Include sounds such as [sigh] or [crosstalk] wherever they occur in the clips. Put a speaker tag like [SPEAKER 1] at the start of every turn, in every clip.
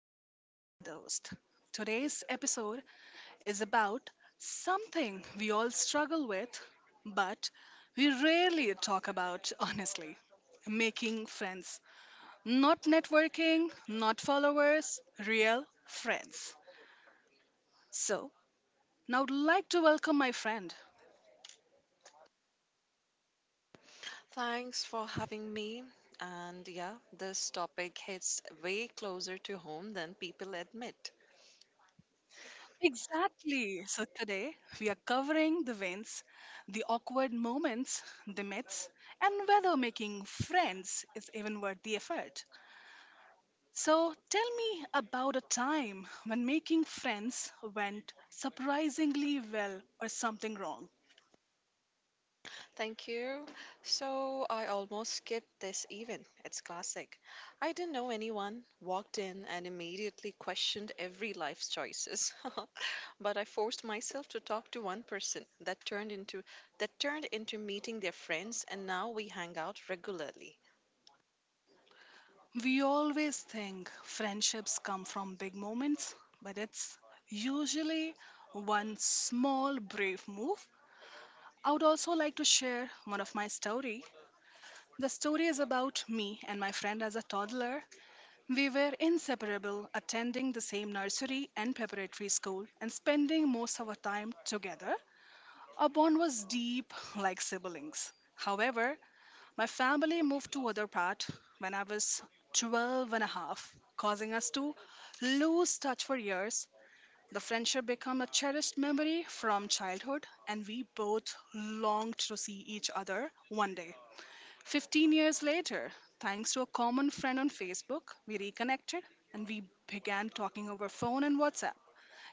[SPEAKER 1] Host and the Dost. Today's episode is about something we all struggle with, but we rarely talk about honestly making friends. Not networking, not followers, real friends. So, now I'd like to welcome my friend.
[SPEAKER 2] Thanks for having me. And yeah, this topic hits way closer to home than people admit.
[SPEAKER 1] Exactly. So today we are covering the wins, the awkward moments, the myths, and whether making friends is even worth the effort. So tell me about a time when making friends went surprisingly well or something wrong.
[SPEAKER 2] Thank you. So I almost skipped this event. It's classic. I didn't know anyone, walked in and immediately questioned every life's choices. [laughs] But I forced myself to talk to one person that turned into meeting their friends and now we hang out regularly.
[SPEAKER 1] We always think friendships come from big moments, but it's usually one small brave move. I would also like to share one of my story. The story is about me and my friend as a toddler. We were inseparable, attending the same nursery and preparatory school and spending most of our time together. Our bond was deep, like siblings. However, my family moved to other part when I was 12 and a half, causing us to lose touch for years. The friendship became a cherished memory from childhood, and we both longed to see each other one day. 15 years later, thanks to a common friend on Facebook, we reconnected and we began talking over phone and WhatsApp,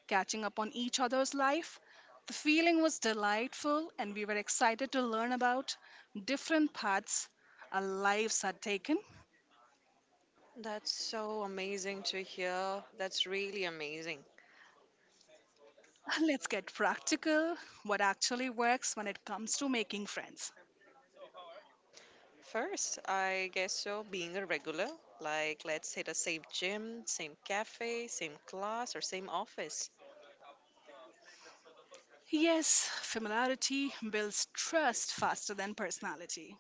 [SPEAKER 1] catching up on each other's life. The feeling was delightful, and we were excited to learn about different paths our lives had taken.
[SPEAKER 2] That's so amazing to hear. That's really amazing.
[SPEAKER 1] [laughs] Let's get practical, what actually works when it comes to making friends.
[SPEAKER 2] First, I guess so, being a regular, like let's say the same gym, same cafe, same class, or same office.
[SPEAKER 1] Yes, familiarity builds trust faster than personality.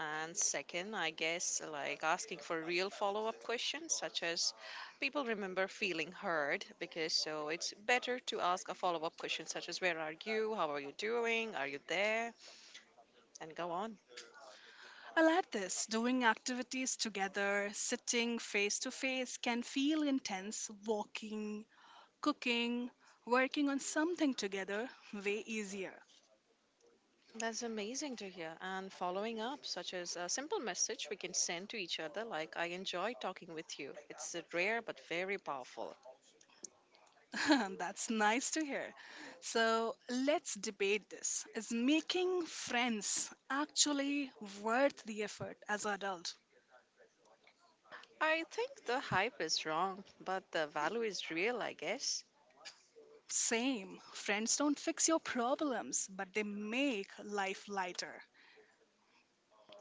[SPEAKER 2] And second, I guess like asking for real follow up questions, such as people remember feeling heard because so it's better to ask a follow up question, such as where are you, how are you doing, are you there, and go on.
[SPEAKER 1] I like this. Doing activities together, sitting face to face can feel intense. Walking, cooking, working on something together, way easier.
[SPEAKER 2] That's amazing to hear. And following up, such as a simple message we can send to each other, like, I enjoy talking with you. It's rare but very powerful.
[SPEAKER 1] [laughs] That's nice to hear. So let's debate this. Is making friends actually worth the effort as an adult?
[SPEAKER 2] I think the hype is wrong, but the value is real, I guess.
[SPEAKER 1] Same. Friends don't fix your problems, but they make life lighter.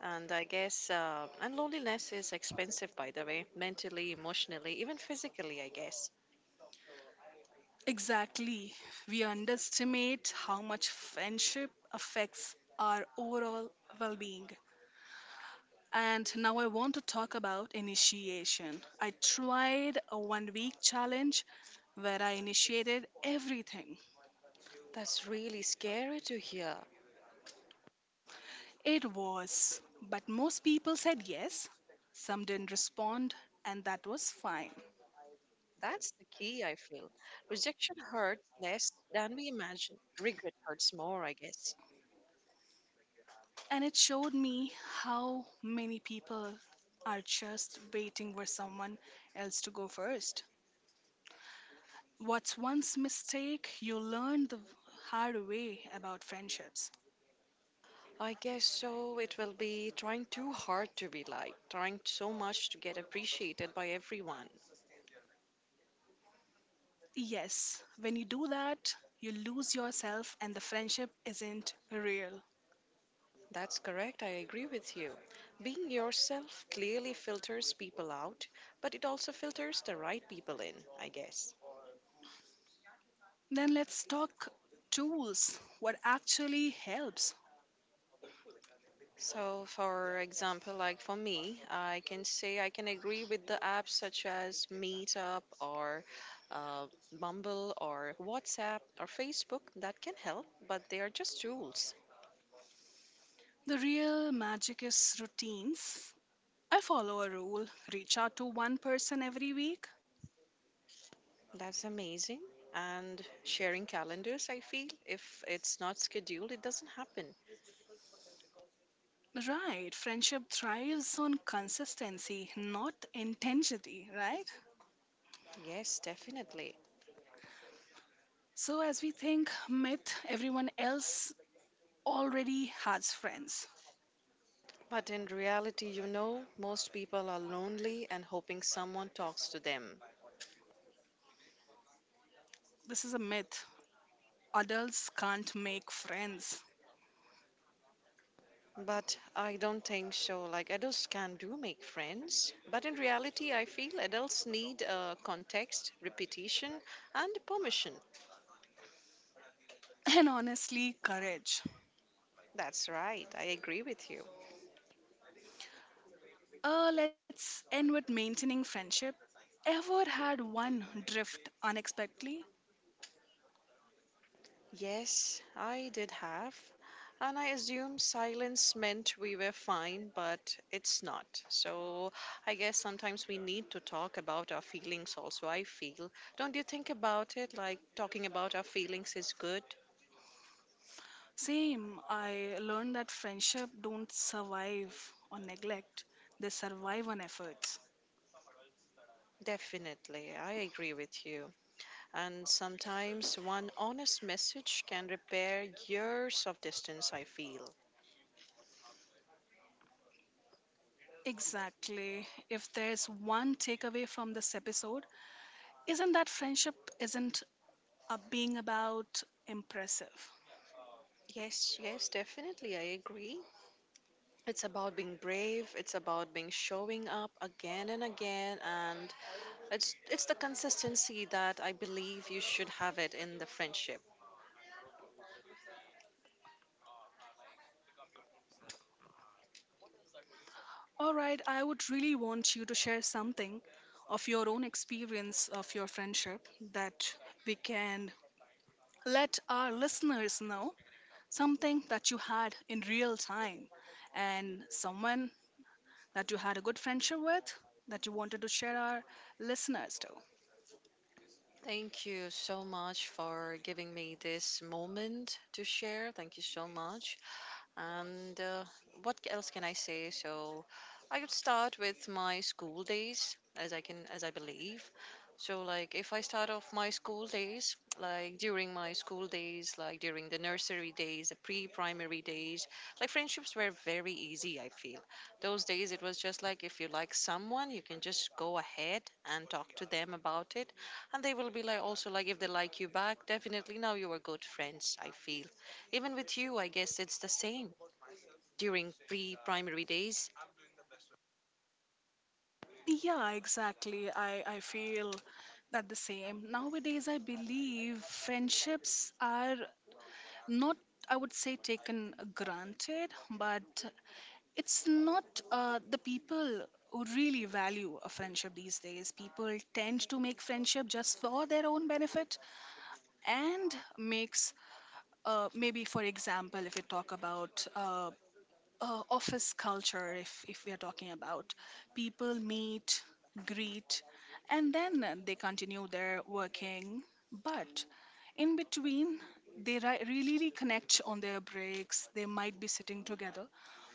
[SPEAKER 2] And I guess, and loneliness is expensive, by the way, mentally, emotionally, even physically, I guess.
[SPEAKER 1] Exactly. We underestimate how much friendship affects our overall well being. And now I want to talk about initiation. I tried a 1-week challenge where I initiated everything.
[SPEAKER 2] That's really scary to hear.
[SPEAKER 1] It was, but most people said yes, some didn't respond, and that was fine.
[SPEAKER 2] That's the key, I feel. Rejection hurts less than we imagine. Regret hurts more, I guess.
[SPEAKER 1] And it showed me how many people are just waiting for someone else to go first. What's once mistake you learn the hard way about friendships?
[SPEAKER 2] I guess so. It will be trying too hard to be liked, trying so much to get appreciated by everyone.
[SPEAKER 1] Yes, when you do that, you lose yourself and the friendship isn't real.
[SPEAKER 2] That's correct. I agree with you. Being yourself clearly filters people out, but it also filters the right people in, I guess.
[SPEAKER 1] Then let's talk tools. What actually helps?
[SPEAKER 2] So, for example, like for me, I can say I can agree with the apps such as Meetup or Bumble or WhatsApp or Facebook that can help, but they are just tools.
[SPEAKER 1] The real magic is routines. I follow a rule, reach out to one person every week.
[SPEAKER 2] That's amazing. And sharing calendars, I feel, if it's not scheduled, it doesn't happen.
[SPEAKER 1] Right, friendship thrives on consistency, not intensity, right?
[SPEAKER 2] Yes, definitely.
[SPEAKER 1] So, as we think myth, everyone else already has friends.
[SPEAKER 2] But in reality, you know, most people are lonely and hoping someone talks to them.
[SPEAKER 1] This is a myth. Adults can't make friends.
[SPEAKER 2] But I don't think so. Like, adults can do make friends. But in reality, I feel adults need context, repetition, and permission.
[SPEAKER 1] [laughs] And honestly, courage.
[SPEAKER 2] That's right. I agree with you.
[SPEAKER 1] Let's end with maintaining friendship. Ever had one drift unexpectedly?
[SPEAKER 2] Yes, I did have. And I assumed silence meant we were fine, but it's not. So I guess sometimes we need to talk about our feelings also. I feel. Don't you think about it? Like talking about our feelings is good?
[SPEAKER 1] Same. I learned that friendship don't survive on neglect. They survive on efforts.
[SPEAKER 2] Definitely, I agree with you. And sometimes one honest message can repair years of distance, I feel.
[SPEAKER 1] Exactly. If there's one takeaway from this episode, isn't that friendship isn't being about impressive.
[SPEAKER 2] Yes, yes, definitely, I agree. It's about being brave, it's about being showing up again and again and it's the consistency that I believe you should have it in the friendship.
[SPEAKER 1] Alright, I would really want you to share something of your own experience of your friendship that we can let our listeners know, something that you had in real time and someone that you had a good friendship with that you wanted to share our listeners to.
[SPEAKER 2] Thank you so much for giving me this moment to share. Thank you so much. And what else can I say? So I could start with my school days as I can as I believe. So like if I start off my school days, like during my school days, like during the nursery days, the pre-primary days, like friendships were very easy, I feel. Those days it was just like if you like someone, you can just go ahead and talk to them about it and they will be like also like if they like you back, definitely now you are good friends, I feel even with you I guess it's the same during pre primary days.
[SPEAKER 1] Yeah, exactly. I feel that the same. Nowadays, I believe friendships are not, I would say, taken granted, but it's not the people who really value a friendship these days. People tend to make friendship just for their own benefit and makes, maybe, for example, if you talk about office culture, if we are talking about people meet, greet, and then they continue their working, but in between they really reconnect on their breaks. They might be sitting together,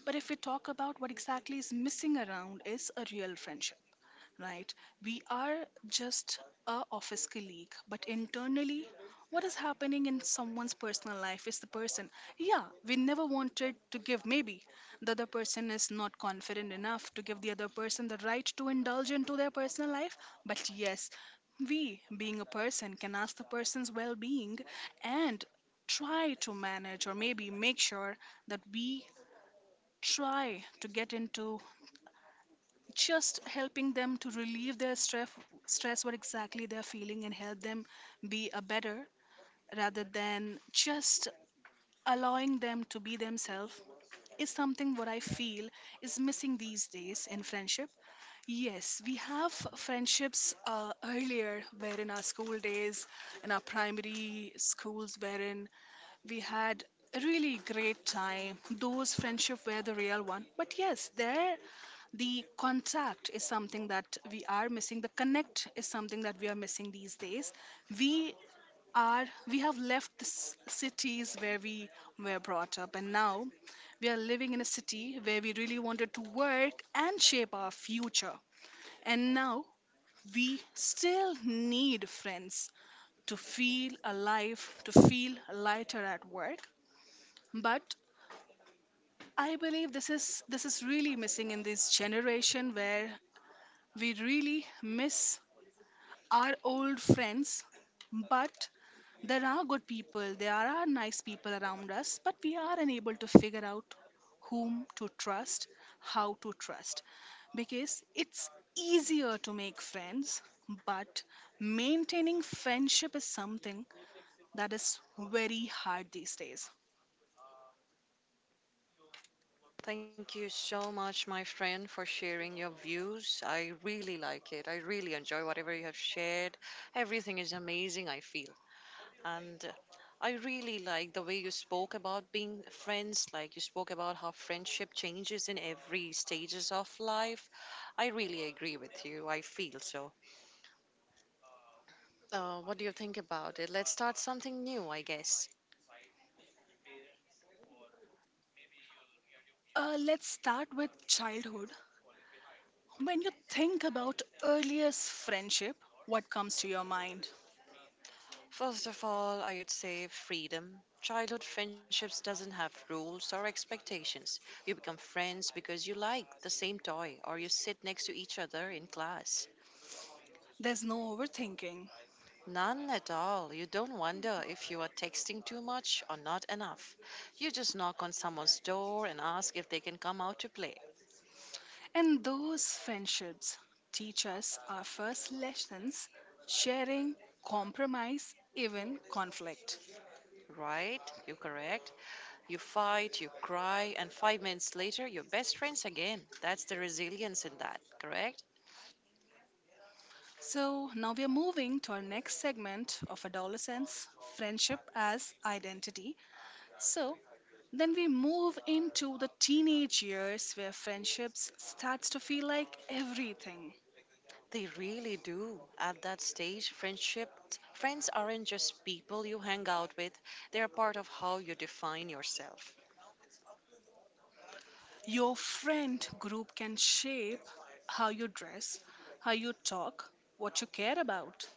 [SPEAKER 1] but if we talk about what exactly is missing around is a real friendship, right? We are just a office colleague, but internally, what is happening in someone's personal life is the person. Yeah, we never wanted to give. Maybe the other person is not confident enough to give the other person the right to indulge into their personal life. But yes, we, being a person, can ask the person's well-being and try to manage or maybe make sure that we try to get into just helping them to relieve their stress what exactly they're feeling, and help them be a better rather than just allowing them to be themselves is something what I feel is missing these days in friendship. Yes, we have friendships earlier where in our school days, in our primary schools, wherein we had a really great time. Those friendship were the real one, but yes, there, the contact is something that we are missing, the connect is something that we are missing these days. we we have left the cities where we were brought up, and now we are living in a city where we really wanted to work and shape our future. And now we still need friends to feel alive, to feel lighter at work. But I believe this is really missing in this generation where we really miss are old friends, but there are good people, there are nice people around us, but we are unable to figure out whom to trust, how to trust. Because it's easier to make friends, but maintaining friendship is something that is very hard these days.
[SPEAKER 2] Thank you so much, my friend, for sharing your views. I really like it. I really enjoy whatever you have shared. Everything is amazing, I feel. And I really like the way you spoke about being friends, like you spoke about how friendship changes in every stages of life. I really agree with you. I feel so. What do you think about it? Let's start something new, I guess.
[SPEAKER 1] Let's start with childhood. When you think about earliest friendship, what comes to your mind?
[SPEAKER 2] First of all, I would say freedom. Childhood friendships doesn't have rules or expectations. You become friends because you like the same toy or you sit next to each other in class.
[SPEAKER 1] There's no overthinking.
[SPEAKER 2] None at all. You don't wonder if you are texting too much or not enough. You just knock on someone's door and ask if they can come out to play.
[SPEAKER 1] And those friendships teach us our first lessons: sharing, compromise, even conflict.
[SPEAKER 2] Right? You're correct. You fight, you cry, and 5 minutes later, you're best friends again. That's the resilience in that, correct?
[SPEAKER 1] So now we are moving to our next segment of adolescence, friendship as identity. So then we move into the teenage years where friendships starts to feel like everything.
[SPEAKER 2] They really do. At that stage, friends aren't just people you hang out with. They are part of how you define yourself.
[SPEAKER 1] Your friend group can shape how you dress, how you talk, what you care about.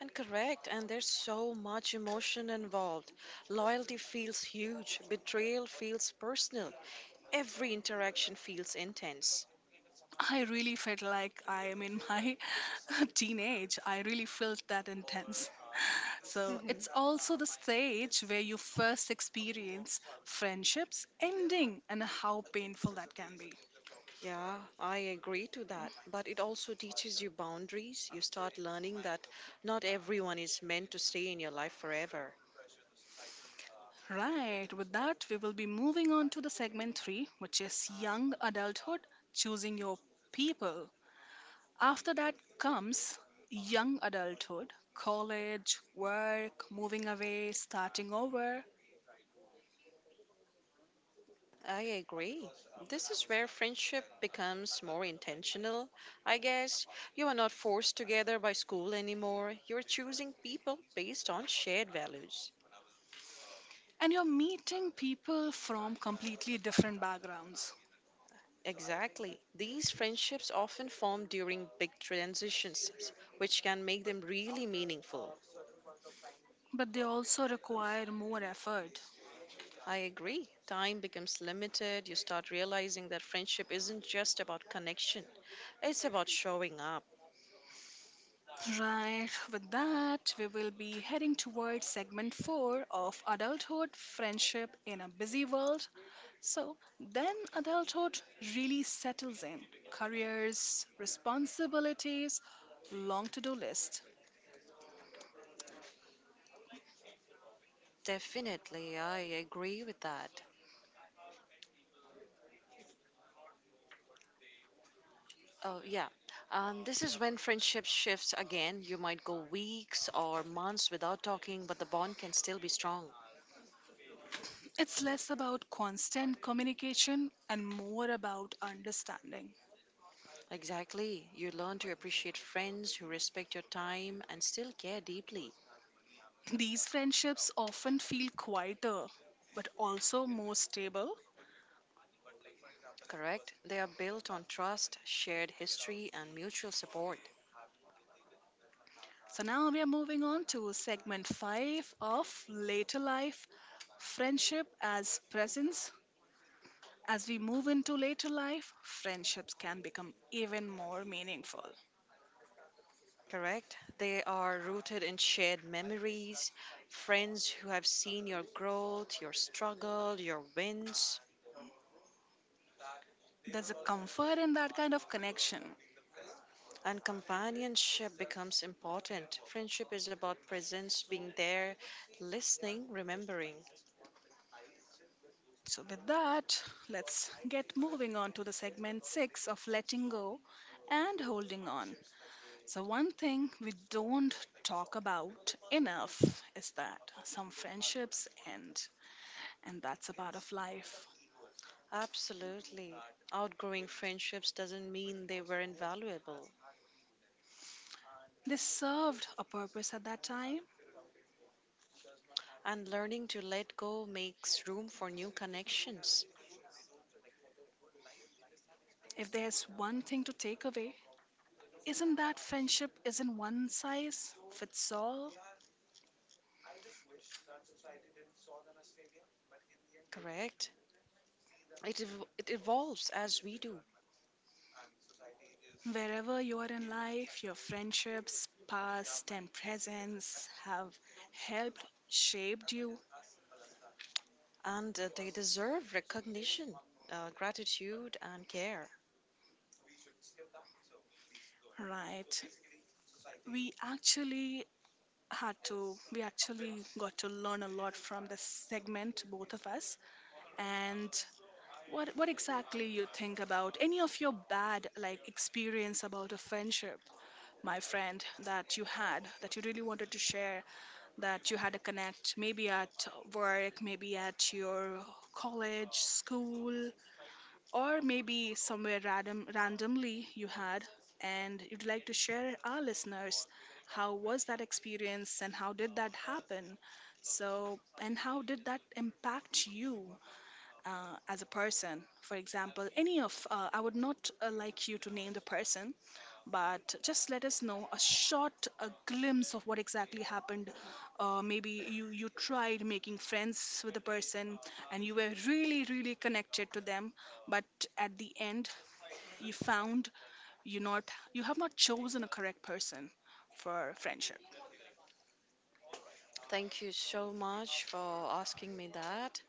[SPEAKER 2] And correct, and there's so much emotion involved. Loyalty feels huge, betrayal feels personal. Every interaction feels intense.
[SPEAKER 1] I really felt like I am in my [laughs] teenage. I really felt that intense. [laughs] So
[SPEAKER 2] Mhm.
[SPEAKER 1] it's also the stage where you first experience friendships ending and how painful that can be.
[SPEAKER 2] Yeah, I agree to that. But it also teaches you boundaries. You start learning that not everyone is meant to stay in your life forever.
[SPEAKER 1] Right, with that, we will be moving on to the segment three, which is young adulthood, choosing your people. After that comes young adulthood, college, work, moving away, starting over.
[SPEAKER 2] I agree. This is where friendship becomes more intentional. I guess you are not forced together by school anymore. You're choosing people based on shared values.
[SPEAKER 1] And you're meeting people from completely different backgrounds,
[SPEAKER 2] Exactly. These friendships often form during big transitions, which can make them really meaningful.
[SPEAKER 1] but they also require more effort.
[SPEAKER 2] I agree. Time becomes limited. You start realizing that friendship isn't just about connection, it's about showing up.
[SPEAKER 1] Right, with that, we will be heading towards segment 4 of adulthood, friendship in a busy world. So, then adulthood really settles in: careers, responsibilities, long to do list.
[SPEAKER 2] Definitely, I agree with that. Oh, yeah. This is when friendship shifts again. You might go weeks or months without talking, but the bond can still be strong.
[SPEAKER 1] It's less about constant communication and more about understanding.
[SPEAKER 2] Exactly. You learn to appreciate friends who respect your time and still care deeply.
[SPEAKER 1] These friendships often feel quieter, but also more stable.
[SPEAKER 2] Correct? They are built on trust, shared history, and mutual support.
[SPEAKER 1] So now we are moving on to segment 5 of Later Life Friendship as Presence. As we move into later life, friendships can become even more meaningful.
[SPEAKER 2] Correct? They are rooted in shared memories, friends who have seen your growth, your struggle, your wins.
[SPEAKER 1] There's a comfort in that kind of connection.
[SPEAKER 2] And companionship becomes important. Friendship is about presence, being there, listening, remembering.
[SPEAKER 1] So, with that, let's get moving on to the segment 6 of letting go and holding on. So, one thing we don't talk about enough is that some friendships end, and that's a part of life.
[SPEAKER 2] Absolutely. Outgrowing friendships doesn't mean they were invaluable.
[SPEAKER 1] They served a purpose at that time.
[SPEAKER 2] And learning to let go makes room for new connections.
[SPEAKER 1] If there's one thing to take away, isn't that friendship isn't one size fits all?
[SPEAKER 2] Correct? It evolves as we do,
[SPEAKER 1] Wherever you are in life, your friendships, past and presents, have helped shaped you,
[SPEAKER 2] and they deserve recognition, gratitude, and care.
[SPEAKER 1] right? We actually we actually got to learn a lot from this segment, both of us. And what exactly you think about any of your bad like experience about a friendship, my friend, that you had, that you really wanted to share, that you had a connect maybe at work, maybe at your college, school, or maybe somewhere randomly you had, and you'd like to share our listeners how was that experience and how did that happen, so, and how did that impact you as a person. For example, I would not like you to name the person, but just let us know a glimpse of what exactly happened. Maybe you tried making friends with the person and you were really, really connected to them, but at the end, you found you have not chosen a correct person for friendship.
[SPEAKER 2] Thank you so much for asking me that.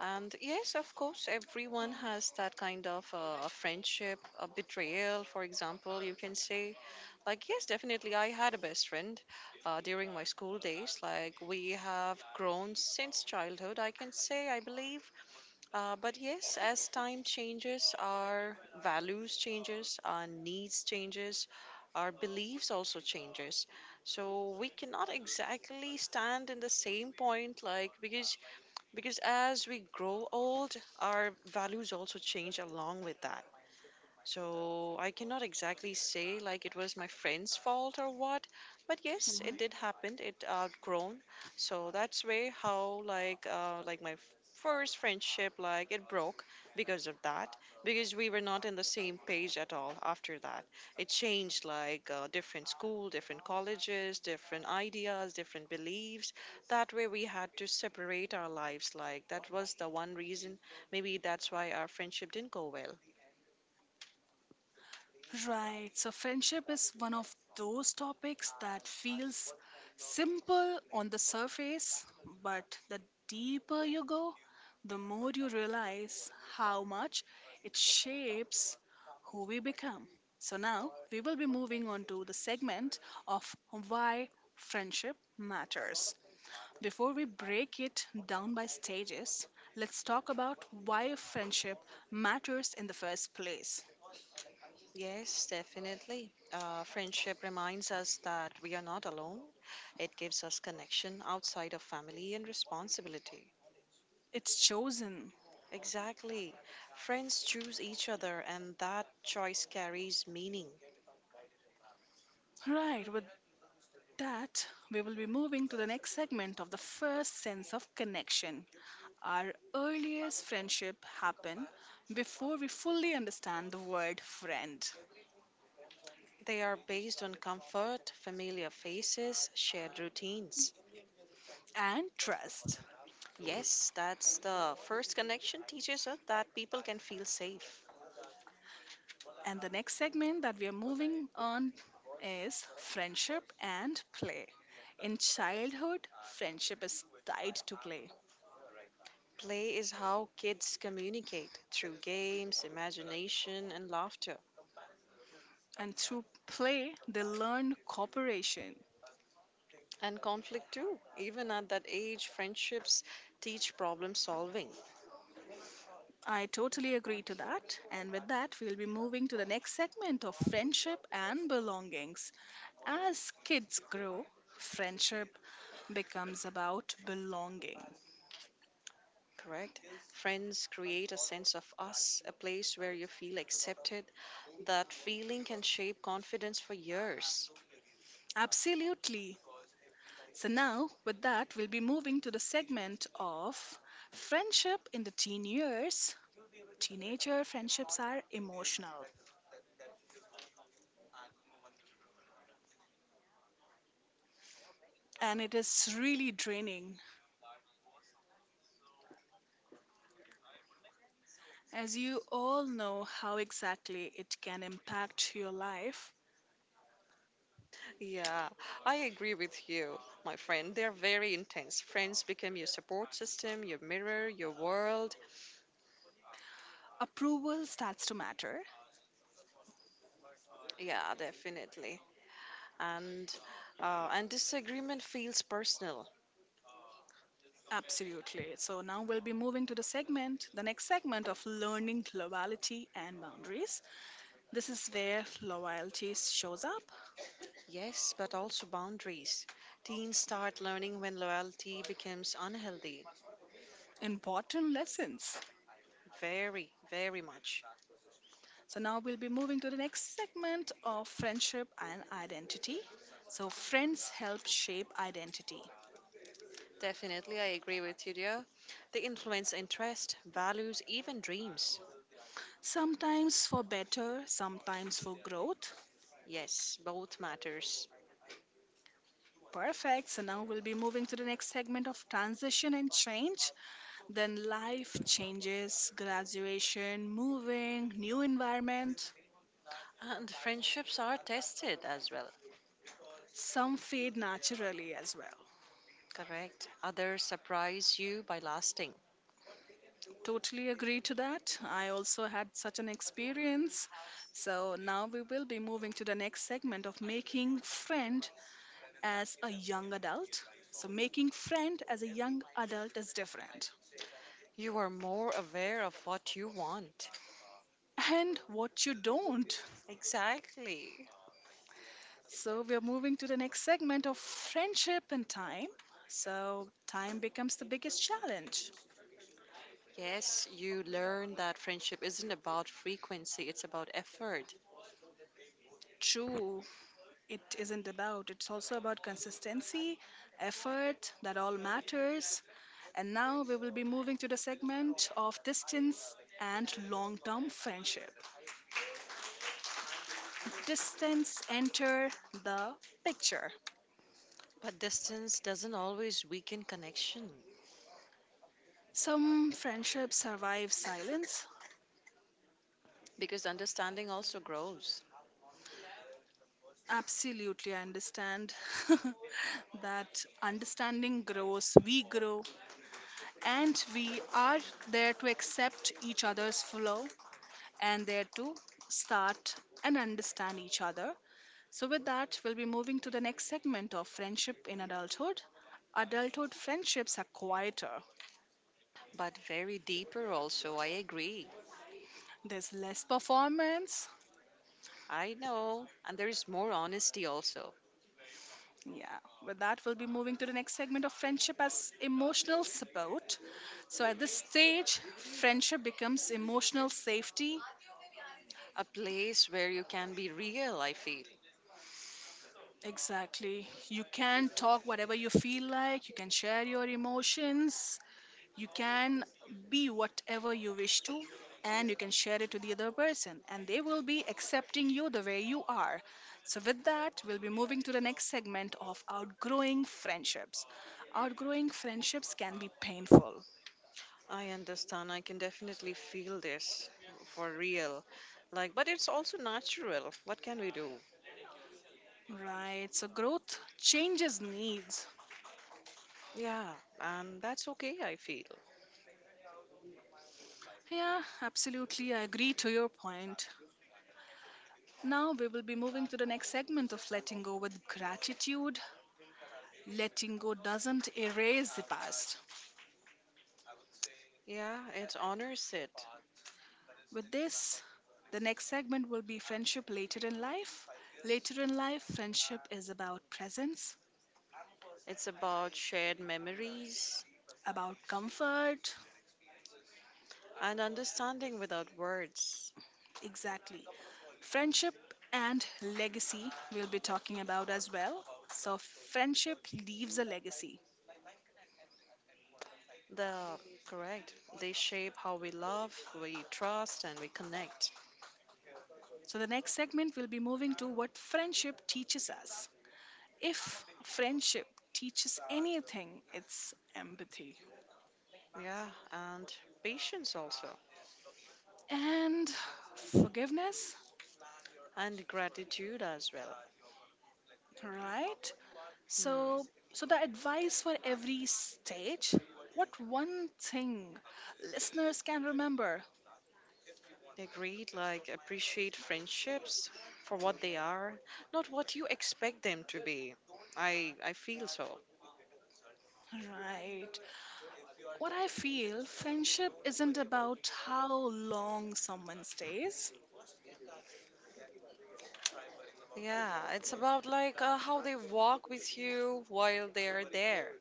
[SPEAKER 2] And yes, of course, everyone has that kind of friendship, a betrayal, for example, you can say. Like, yes, definitely, I had a best friend during my school days. Like, we have grown since childhood, I can say, I believe. But yes, as time changes, our values changes, our needs changes, our beliefs also changes. So we cannot exactly stand in the same point, like, because as we grow old, our values also change along with that. So I cannot exactly say like it was my friend's fault or what, but yes, it did happen. It outgrown. So that's way how like my first friendship like it broke because of that because we were not in the same page at all after that. It changed like different school, different colleges, different ideas, different beliefs. That way we had to separate our lives. Like that was the one reason. Maybe that's why our friendship didn't go well.
[SPEAKER 1] Right. So, friendship is one of those topics that feels simple on the surface, but the deeper you go, the more you realize how much it shapes who we become. So, now we will be moving on to the segment of why friendship matters. Before we break it down by stages, let's talk about why friendship matters in the first place.
[SPEAKER 2] Yes, definitely. Friendship reminds us that we are not alone. It gives us connection outside of family and responsibility.
[SPEAKER 1] It's chosen.
[SPEAKER 2] Exactly. Friends choose each other, and that choice carries meaning.
[SPEAKER 1] Right, with that, we will be moving to the next segment of the first sense of connection. Our earliest friendship happen before we fully understand the word friend,
[SPEAKER 2] They are based on comfort, familiar faces, shared routines.
[SPEAKER 1] and trust.
[SPEAKER 2] Yes, that's the first connection teaches us that people can feel safe.
[SPEAKER 1] And the next segment that we are moving on is friendship and play. In childhood, friendship is tied to play,
[SPEAKER 2] Play is how kids communicate through games, imagination, and laughter.
[SPEAKER 1] and through play, they learn cooperation.
[SPEAKER 2] And conflict too. Even at that age, friendships teach problem solving,
[SPEAKER 1] I totally agree to that. And with that, we'll be moving to the next segment of friendship and belongings. As kids grow, friendship becomes about belonging.
[SPEAKER 2] correct? Friends create a sense of us, a place where you feel accepted. That feeling can shape confidence for years.
[SPEAKER 1] Absolutely. So, now with that, we'll be moving to the segment of friendship in the teen years. Teenager friendships are emotional and it is really draining as you all know how exactly it can impact your life.
[SPEAKER 2] Yeah, I agree with you, my friend. They're very intense. Friends become your support system, your mirror, your world.
[SPEAKER 1] Approval starts to matter.
[SPEAKER 2] Yeah, definitely. And and disagreement feels personal.
[SPEAKER 1] Absolutely. So now we'll be moving to the next segment of learning loyalty and boundaries. This is where loyalty shows up.
[SPEAKER 2] Yes, but also boundaries. Teens start learning when loyalty becomes unhealthy.
[SPEAKER 1] Important lessons.
[SPEAKER 2] Very, very much.
[SPEAKER 1] So now we'll be moving to the next segment of friendship and identity. So friends help shape identity.
[SPEAKER 2] Definitely, I agree with you, dear. They influence interest, values, even dreams.
[SPEAKER 1] Sometimes for better, sometimes for growth.
[SPEAKER 2] Yes, both matters.
[SPEAKER 1] Perfect. So now we'll be moving to the next segment of transition and change. Then life changes, graduation, moving, new environment.
[SPEAKER 2] And friendships are tested as well.
[SPEAKER 1] Some fade naturally as well.
[SPEAKER 2] Correct. Others surprise you by lasting.
[SPEAKER 1] Totally agree to that. I also had such an experience. So now we will be moving to the next segment of making friend as a young adult. So making friend as a young adult is different.
[SPEAKER 2] You are more aware of what you want.
[SPEAKER 1] And what you don't.
[SPEAKER 2] Exactly.
[SPEAKER 1] So we are moving to the next segment of friendship and time. So time becomes the biggest challenge.
[SPEAKER 2] Yes, you learn that friendship isn't about frequency, it's about effort.
[SPEAKER 1] True, it isn't about. It's also about consistency, effort, that all matters. And now we will be moving to the segment of distance and long term friendship. Distance enter the picture.
[SPEAKER 2] But distance doesn't always weaken connection
[SPEAKER 1] Some friendships survive silence.
[SPEAKER 2] because understanding also grows,
[SPEAKER 1] Absolutely, I understand [laughs] that understanding grows, we grow, and we are there to accept each other's flaw and there to start and understand each other. So, with that, we'll be moving to the next segment of friendship in adulthood. Adulthood friendships are quieter,
[SPEAKER 2] but very deeper also. I agree.
[SPEAKER 1] there's less performance.
[SPEAKER 2] I know. And there is more honesty also.
[SPEAKER 1] Yeah, with that, we'll be moving to the next segment of friendship as emotional support. So, at this stage, friendship becomes emotional safety.
[SPEAKER 2] A place where you can be real, I feel.
[SPEAKER 1] Exactly. You can talk whatever you feel like, you can share your emotions. You can be whatever you wish to and you can share it to the other person and they will be accepting you the way you are. So with that, we'll be moving to the next segment of outgrowing friendships. Outgrowing friendships can be painful.
[SPEAKER 2] I understand. I can definitely feel this for real. Like, but it's also natural. What can we do?
[SPEAKER 1] Right. So growth changes needs.
[SPEAKER 2] Yeah. And that's okay, I feel.
[SPEAKER 1] Yeah, absolutely. I agree to your point. Now we will be moving to the next segment of letting go with gratitude. Letting go doesn't erase the past.
[SPEAKER 2] Yeah, it honors it.
[SPEAKER 1] With this, the next segment will be friendship later in life. Later in life, friendship is about presence,
[SPEAKER 2] It's about shared memories
[SPEAKER 1] about comfort.
[SPEAKER 2] and understanding without words.
[SPEAKER 1] Exactly. Friendship and legacy we'll be talking about as well. So, friendship leaves a legacy.
[SPEAKER 2] The correct. They shape how we love, we trust, and we connect.
[SPEAKER 1] So, the next segment will be moving to what friendship teaches us. If friendship teaches anything, it's empathy
[SPEAKER 2] Yeah, and patience also,
[SPEAKER 1] and forgiveness,
[SPEAKER 2] and gratitude as well.
[SPEAKER 1] right?
[SPEAKER 2] Hmm.
[SPEAKER 1] So, so the advice for every stage, what one thing listeners can remember,
[SPEAKER 2] Agreed. Like appreciate friendships for what they are, not what you expect them to be. I feel so.
[SPEAKER 1] right? What I feel, friendship isn't about how long someone stays.
[SPEAKER 2] Yeah, it's about like how they walk with you while they are there.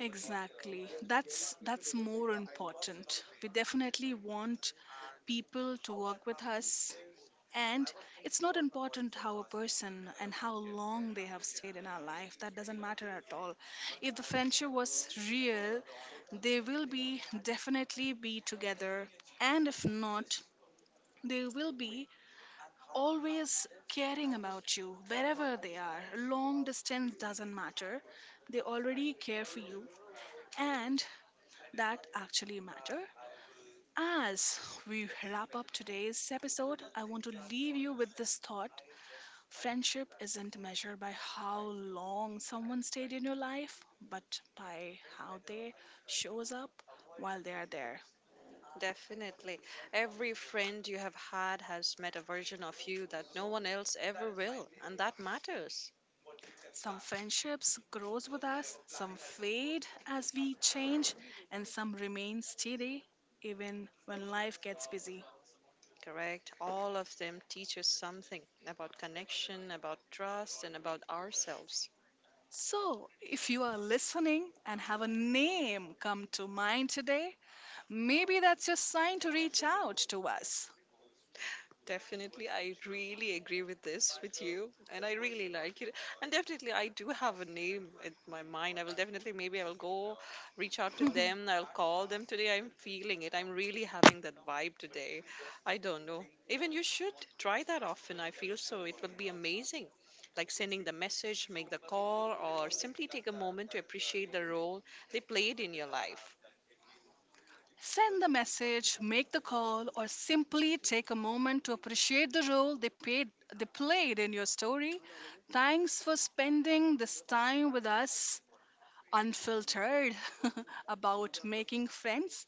[SPEAKER 1] Exactly. That's more important. We definitely want people to work with us. And it's not important how a person and how long they have stayed in our life. That doesn't matter at all. If the friendship was real, they will be definitely be together. And if not, they will be always caring about you wherever they are. Long distance doesn't matter. They already care for you. And that actually matter. As we wrap up today's episode, I want to leave you with this thought. Friendship isn't measured by how long someone stayed in your life, but by how they shows up while they are there.
[SPEAKER 2] Definitely. Every friend you have had has met a version of you that no one else ever will, and that matters.
[SPEAKER 1] Some friendships grows with us, some fade as we change, and some remain steady even when life gets busy.
[SPEAKER 2] Correct? All of them teach us something about connection, about trust, and about ourselves.
[SPEAKER 1] So, if you are listening and have a name come to mind today, maybe that's your sign to reach out to us.
[SPEAKER 2] Definitely, I really agree with this with you, and I really like it. And definitely, I do have a name in my mind. I will definitely, maybe I will go reach out to
[SPEAKER 1] [laughs]
[SPEAKER 2] them. I'll call them today. I'm feeling it. I'm really having that vibe today. I don't know. Even you should try that often. I feel so. It will be amazing. Like sending the message, make the call, or simply take a moment to appreciate the role they played in your life.
[SPEAKER 1] Send the message, make the call, or simply take a moment to appreciate the role they, paid, they played in your story. Thanks for spending this time with us, unfiltered, [laughs] about making friends.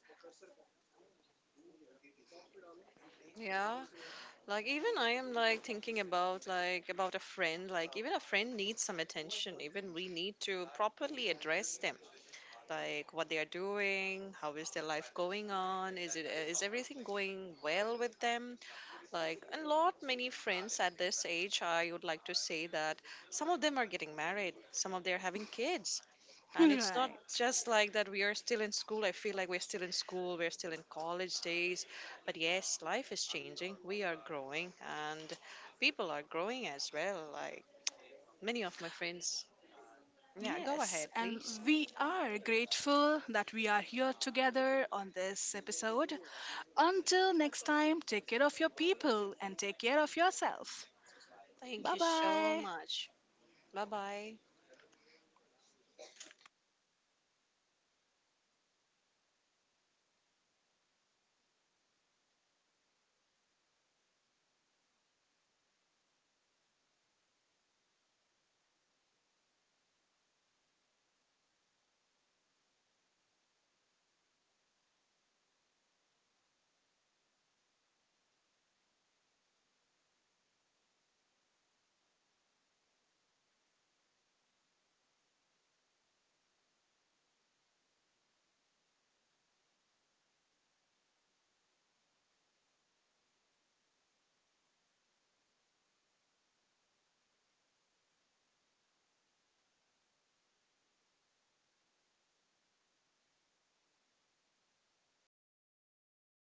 [SPEAKER 2] Yeah, like even I am like thinking about like about a friend like even a friend needs some attention even we need to properly address them like what they are doing how is their life going on is it is everything going well with them like a lot many friends at this age I would like to say that some of them are getting married some of them are having kids
[SPEAKER 1] [laughs]
[SPEAKER 2] and it's not
[SPEAKER 1] Right.
[SPEAKER 2] just like that we are still in school I feel like we're still in school we're still in college days but yes life is changing we are growing and people are growing as well like many of my friends yeah go
[SPEAKER 1] Yes,
[SPEAKER 2] ahead
[SPEAKER 1] and
[SPEAKER 2] please.
[SPEAKER 1] we are grateful that we are here together on this episode. Until next time, take care of your people and take care of yourself.
[SPEAKER 2] Thank
[SPEAKER 1] Bye
[SPEAKER 2] you so
[SPEAKER 1] bye.
[SPEAKER 2] much. Bye bye.